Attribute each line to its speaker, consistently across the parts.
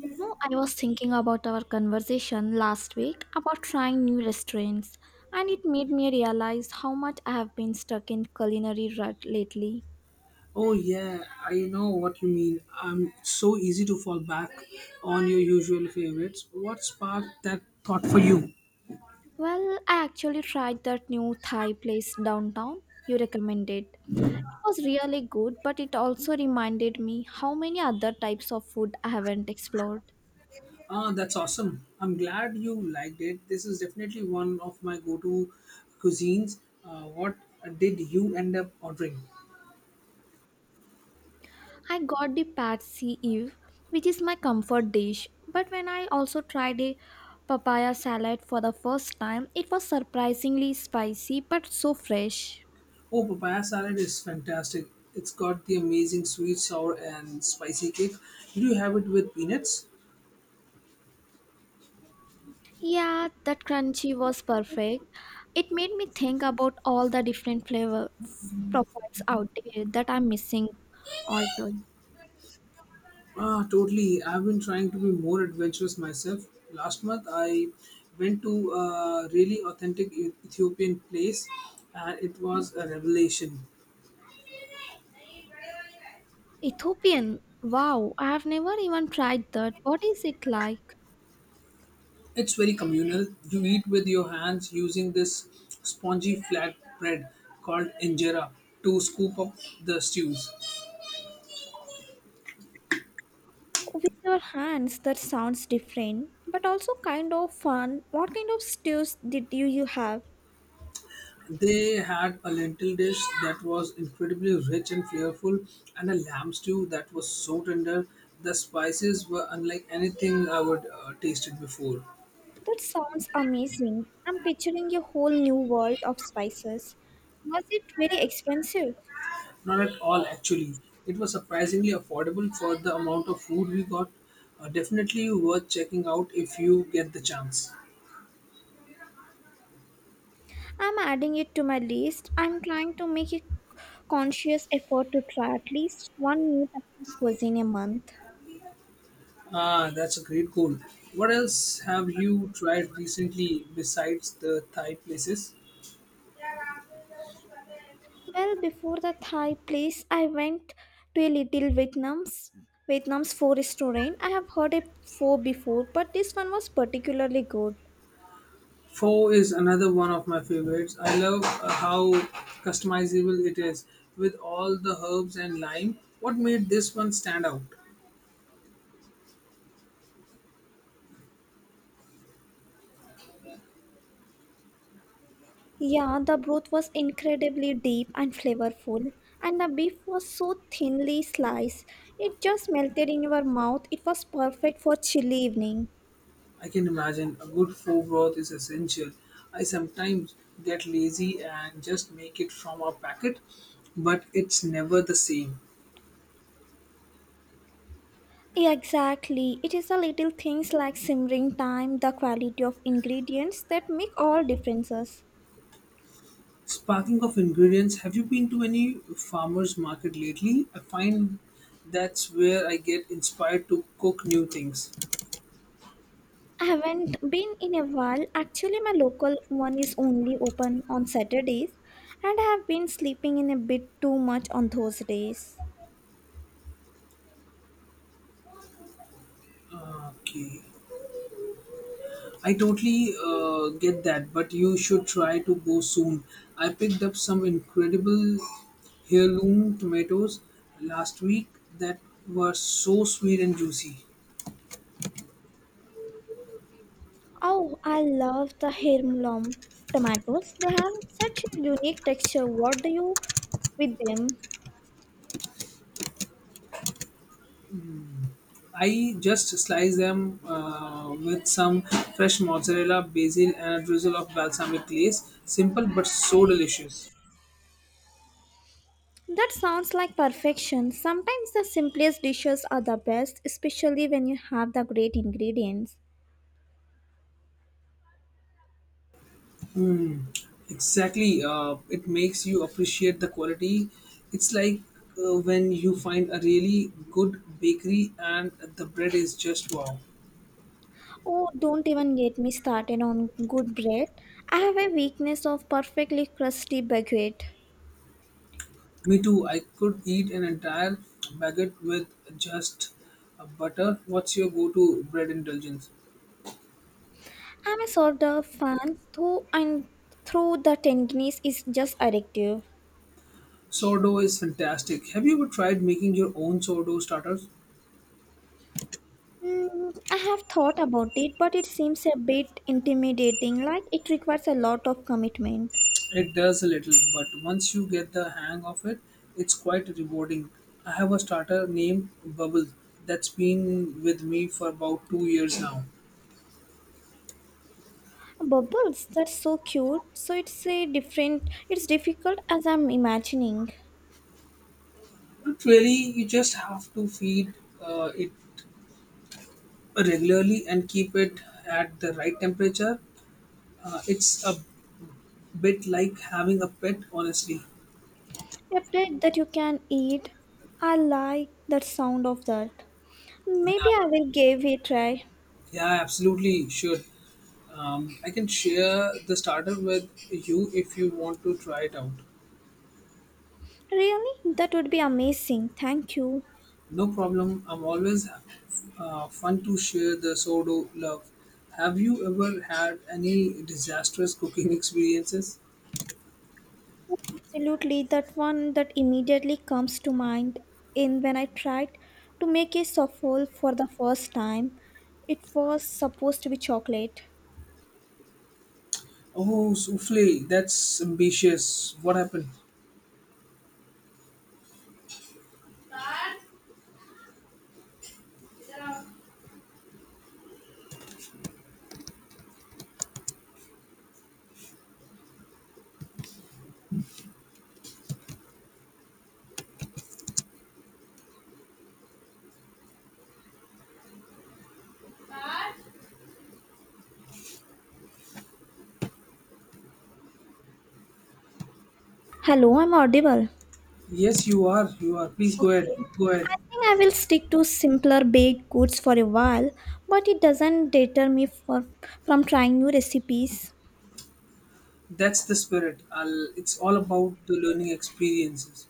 Speaker 1: I was thinking about our conversation last week about trying new restaurants, and it made me realize how much I have been stuck in culinary rut lately.
Speaker 2: Oh yeah, I know what you mean. I'm so easy to fall back on your usual favorites. What sparked that thought for you?
Speaker 1: Well, I actually tried that new Thai place downtown you recommended. It was really good, but it also reminded me how many other types of food I haven't explored.
Speaker 2: Ah, that's awesome. I'm glad you liked it. This is definitely one of my go-to cuisines. What did you end up ordering?
Speaker 1: I got the patsy Eve, which is my comfort dish, but when I also tried a papaya salad for the first time, it was surprisingly spicy but so fresh.
Speaker 2: Oh, papaya salad is fantastic. It's got the amazing sweet, sour, and spicy kick. Did you have it with peanuts?
Speaker 1: Yeah, that crunchy was perfect. It made me think about all the different flavor profiles out there that I'm missing all the time.
Speaker 2: Ah, totally. I've been trying to be more adventurous myself. Last month, I went to a really authentic Ethiopian place, and it was a revelation.
Speaker 1: Ethiopian, wow, I have never even tried that. What is it like?
Speaker 2: It's very communal. You eat with your hands using this spongy flat bread called injera to scoop up the stews.
Speaker 1: With your hands, that sounds different, but also kind of fun. What kind of stews did you have?
Speaker 2: They had a lentil dish that was incredibly rich and flavorful, and a lamb stew that was so tender. The spices were unlike anything I would tasted before.
Speaker 1: That sounds amazing. I'm picturing a whole new world of spices. Was it very expensive?
Speaker 2: Not at all, actually. It was surprisingly affordable for the amount of food we got. Definitely worth checking out if you get the chance.
Speaker 1: I'm adding it to my list. I'm trying to make a conscious effort to try at least one new type of cuisine a month.
Speaker 2: Ah, that's a great goal. What else have you tried recently besides the Thai places?
Speaker 1: Well, before the Thai place, I went to a little Vietnam's pho restaurant. I have heard a pho before, but this one was particularly good.
Speaker 2: Pho is another one of my favorites. I love how customizable it is with all the herbs and lime. What made this one stand out?
Speaker 1: Yeah, the broth was incredibly deep and flavorful, and the beef was so thinly sliced. It just melted in your mouth. It was perfect for chilly evening.
Speaker 2: I can imagine a good foie is essential. I sometimes get lazy and just make it from a packet, but it's never the same.
Speaker 1: Yeah, exactly. It is the little things like simmering time, the quality of ingredients that make all differences.
Speaker 2: Sparking of ingredients, have you been to any farmers market lately? I find that's where I get inspired to cook new things.
Speaker 1: I haven't been in a while. Actually, my local one is only open on Saturdays, and I have been sleeping in a bit too much on those days.
Speaker 2: Okay. I totally get that, but you should try to go soon. I picked up some incredible heirloom tomatoes last week that were so sweet and juicy.
Speaker 1: Oh, I love the Hermlom tomatoes. They have such a unique texture. What do you with them?
Speaker 2: I just sliced them with some fresh mozzarella, basil, and a drizzle of balsamic glaze. Simple but so delicious.
Speaker 1: That sounds like perfection. Sometimes the simplest dishes are the best, especially when you have the great ingredients.
Speaker 2: Exactly. It makes you appreciate the quality. It's like when you find a really good bakery and the bread is just wow.
Speaker 1: Oh, don't even get me started on good bread. I have a weakness of perfectly crusty baguette.
Speaker 2: Me too. I could eat an entire baguette with just butter. What's your go to bread indulgence?
Speaker 1: I'm a sort of fan, though, and through the ten is just addictive.
Speaker 2: Sourdough is fantastic. Have you ever tried making your own sourdough starters?
Speaker 1: Mm, I have thought about it, but it seems a bit intimidating, like it requires a lot of commitment.
Speaker 2: It does a little, but once you get the hang of it, it's quite rewarding. I have a starter named Bubble that's been with me for about 2 years now.
Speaker 1: Bubbles, that's so cute. So it's a different, it's difficult as I'm imagining.
Speaker 2: But really, you just have to feed it regularly and keep it at the right temperature. It's a bit like having a pet, honestly.
Speaker 1: A plate that you can eat. I like the sound of that. Maybe I will give it a try.
Speaker 2: Yeah, I absolutely should. I can share the starter with you if you want to try it out.
Speaker 1: Really? That would be amazing. Thank you.
Speaker 2: No problem. I'm always fun to share the sourdough love. Have you ever had any disastrous cooking experiences?
Speaker 1: Absolutely, that one that immediately comes to mind in when I tried to make a souffle for the first time. It was supposed to be chocolate.
Speaker 2: Oh, souffle. That's ambitious. What happened?
Speaker 1: Hello, I'm audible.
Speaker 2: Yes, you are. You are. Please go ahead.
Speaker 1: Okay.
Speaker 2: Go ahead.
Speaker 1: I think I will stick to simpler baked goods for a while, but it doesn't deter me from trying new recipes.
Speaker 2: That's the spirit. I'll, it's all about the learning experiences.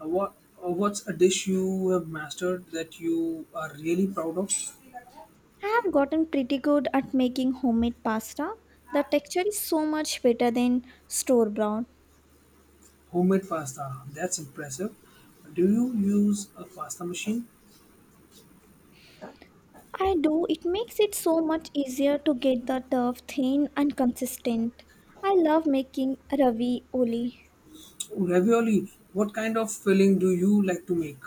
Speaker 2: Uh, what what's a dish you have mastered that you are really proud of?
Speaker 1: I have gotten pretty good at making homemade pasta. The texture is so much better than store bought.
Speaker 2: Homemade pasta. That's impressive. Do you use a pasta machine?
Speaker 1: I do. It makes it so much easier to get the dough thin and consistent. I love making ravioli.
Speaker 2: Ravioli, what kind of filling do you like to make?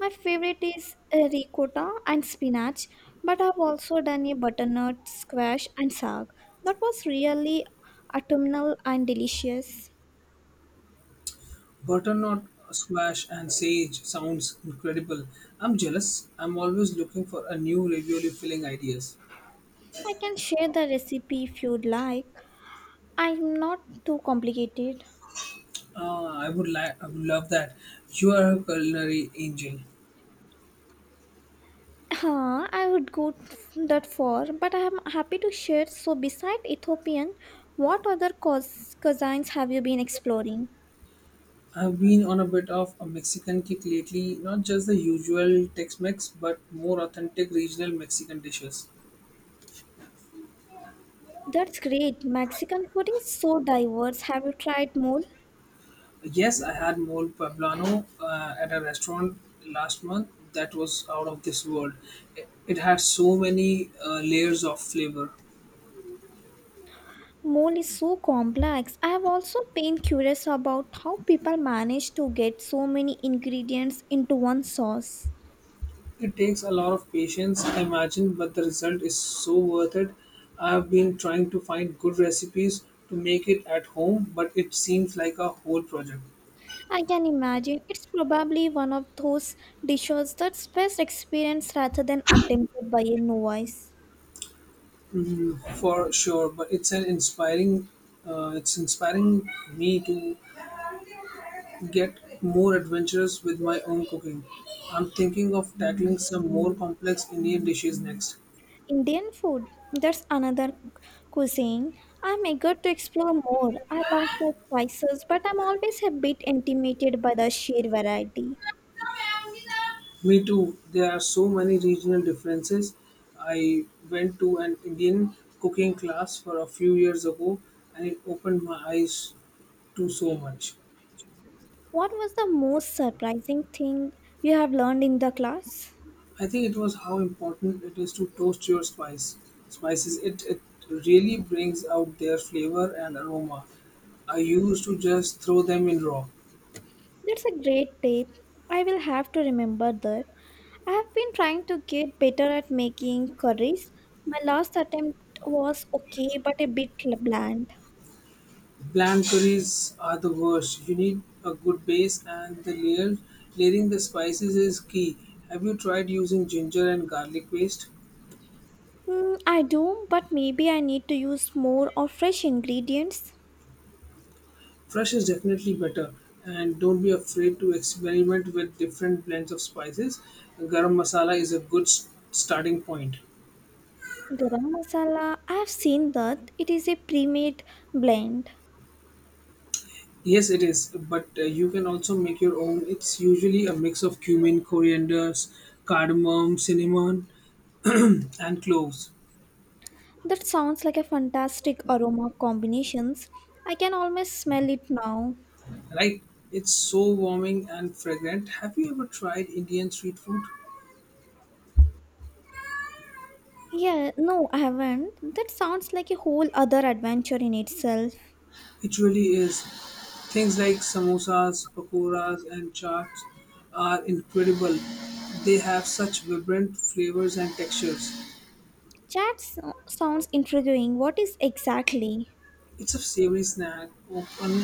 Speaker 1: My favorite is ricotta and spinach, but I've also done a butternut squash and sag. That was really autumnal and delicious.
Speaker 2: Butternut squash and sage sounds incredible. I'm jealous. I'm always looking for a new ravioli filling ideas.
Speaker 1: I can share the recipe if you'd like. I'm not too complicated.
Speaker 2: Ah, I would love that. You are a culinary angel.
Speaker 1: Huh, I would go that far, but I am happy to share. So, beside Ethiopian, what other cuisines have you been exploring?
Speaker 2: I've been on a bit of a Mexican kick lately, not just the usual Tex-Mex, but more authentic regional Mexican dishes.
Speaker 1: That's great. Mexican food is so diverse. Have you tried mole?
Speaker 2: Yes, I had mole poblano at a restaurant last month that was out of this world. It had so many layers of flavor.
Speaker 1: Mole is so complex. I have also been curious about how people manage to get so many ingredients into one sauce.
Speaker 2: It takes a lot of patience, I imagine, but the result is so worth it. I've been trying to find good recipes to make it at home, but it seems like a whole project.
Speaker 1: I can imagine it's probably one of those dishes that's best experienced rather than attempted by a novice.
Speaker 2: Mm, for sure, but it's an inspiring. It's inspiring me to get more adventurous with my own cooking. I'm thinking of tackling some more complex Indian dishes next.
Speaker 1: Indian food, that's another cuisine. I'm eager to explore more. I love the spices, but I'm always a bit intimidated by the sheer variety.
Speaker 2: Me too, there are so many regional differences. I went to an Indian cooking class for a few years ago and it opened my eyes to so much.
Speaker 1: What was the most surprising thing you have learned in the class?
Speaker 2: I think it was how important it is to toast your spices. It really brings out their flavor and aroma. I used to just throw them in raw.
Speaker 1: That's a great tip. I will have to remember that. I have been trying to get better at making curries. My last attempt was okay, but a bit bland.
Speaker 2: Bland curries are the worst. You need a good base, and layering the spices is key. Have you tried using ginger and garlic paste?
Speaker 1: Mm, I do, but maybe I need to use more of fresh ingredients.
Speaker 2: Fresh is definitely better, and don't be afraid to experiment with different blends of spices. Garam masala is a good starting point.
Speaker 1: Garam masala, I've seen that. It is a pre-made blend.
Speaker 2: Yes, it is, but you can also make your own. It's usually a mix of cumin, coriander, cardamom, cinnamon, and cloves.
Speaker 1: That sounds like a fantastic aroma combinations. I can almost smell it now.
Speaker 2: Right? It's so warming and fragrant. Have you ever tried Indian street food?
Speaker 1: Yeah, no, I haven't. That sounds like a whole other adventure in itself.
Speaker 2: It really is. Things like samosas, pakoras, and chaats are incredible. They have such vibrant flavors and textures.
Speaker 1: Sounds intriguing. What is exactly?
Speaker 2: It's a savory snack,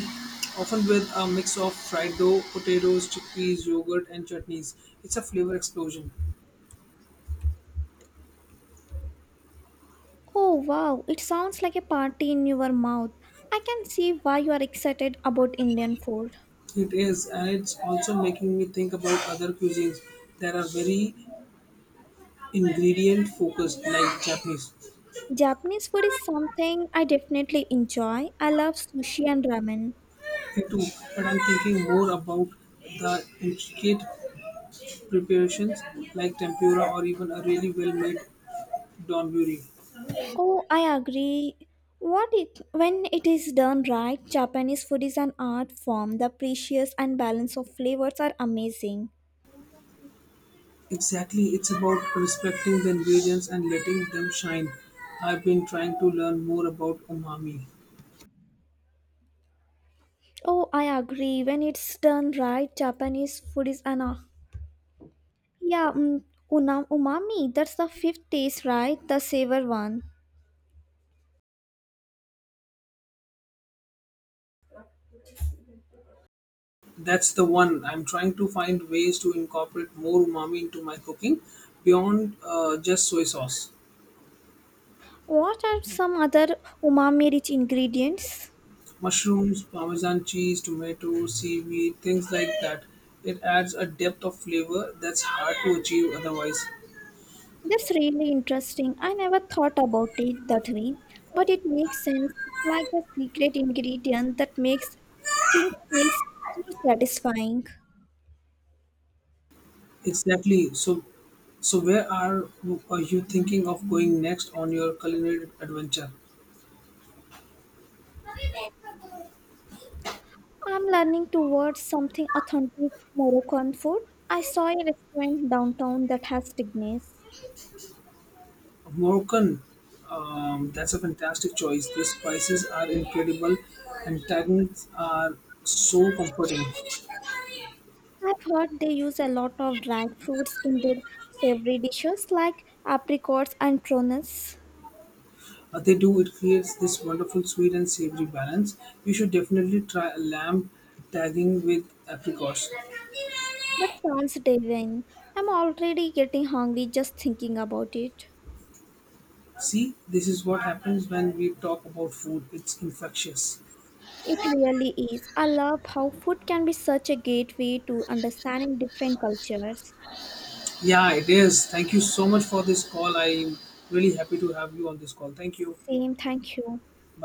Speaker 2: often with a mix of fried dough, potatoes, chickpeas, yogurt, and chutneys. It's a flavor explosion.
Speaker 1: Oh wow, it sounds like a party in your mouth. I can see why you are excited about Indian food.
Speaker 2: It is, and it's also making me think about other cuisines that are very ingredient focused, like Japanese.
Speaker 1: Japanese food is something I definitely enjoy. I love sushi and ramen.
Speaker 2: Into, but I'm thinking more about the intricate preparations like tempura or even a really well made donburi.
Speaker 1: Oh, I agree. What it when it is done right, Japanese food is an art form. The precious and balance of flavors are amazing.
Speaker 2: Exactly, it's about respecting the ingredients and letting them shine. I've been trying to learn more about umami.
Speaker 1: Oh, I agree. When it's done right, Japanese food is an art. Yeah, mm, umami. That's the fifth taste, right? The savor one.
Speaker 2: That's the one. I'm trying to find ways to incorporate more umami into my cooking beyond just soy sauce.
Speaker 1: What are some other umami-rich ingredients?
Speaker 2: Mushrooms, Parmesan cheese, tomato, seaweed, things like that. It adds a depth of flavor that's hard to achieve otherwise.
Speaker 1: That's really interesting. I never thought about it that way, but it makes sense. It's like the secret ingredient that makes things taste so satisfying.
Speaker 2: Exactly. So where are you thinking of going next on your culinary adventure?
Speaker 1: I'm learning towards something authentic Moroccan food. I saw a restaurant downtown that has tignes.
Speaker 2: Moroccan. That's a fantastic choice. The spices are incredible, and tannins are so comforting.
Speaker 1: I've heard they use a lot of dried fruits in their savory dishes like apricots and prunes.
Speaker 2: They do. It creates this wonderful sweet and savory balance. You should definitely try a lamb tagging with apricots.
Speaker 1: That sounds divine. I'm already getting hungry just thinking about it.
Speaker 2: See, this is what happens when we talk about food. It's infectious.
Speaker 1: It really is. I love how food can be such a gateway to understanding different cultures.
Speaker 2: Yeah, it is. Thank you so much for this call. I'm really happy to have you on this call. Thank you.
Speaker 1: Same, thank you.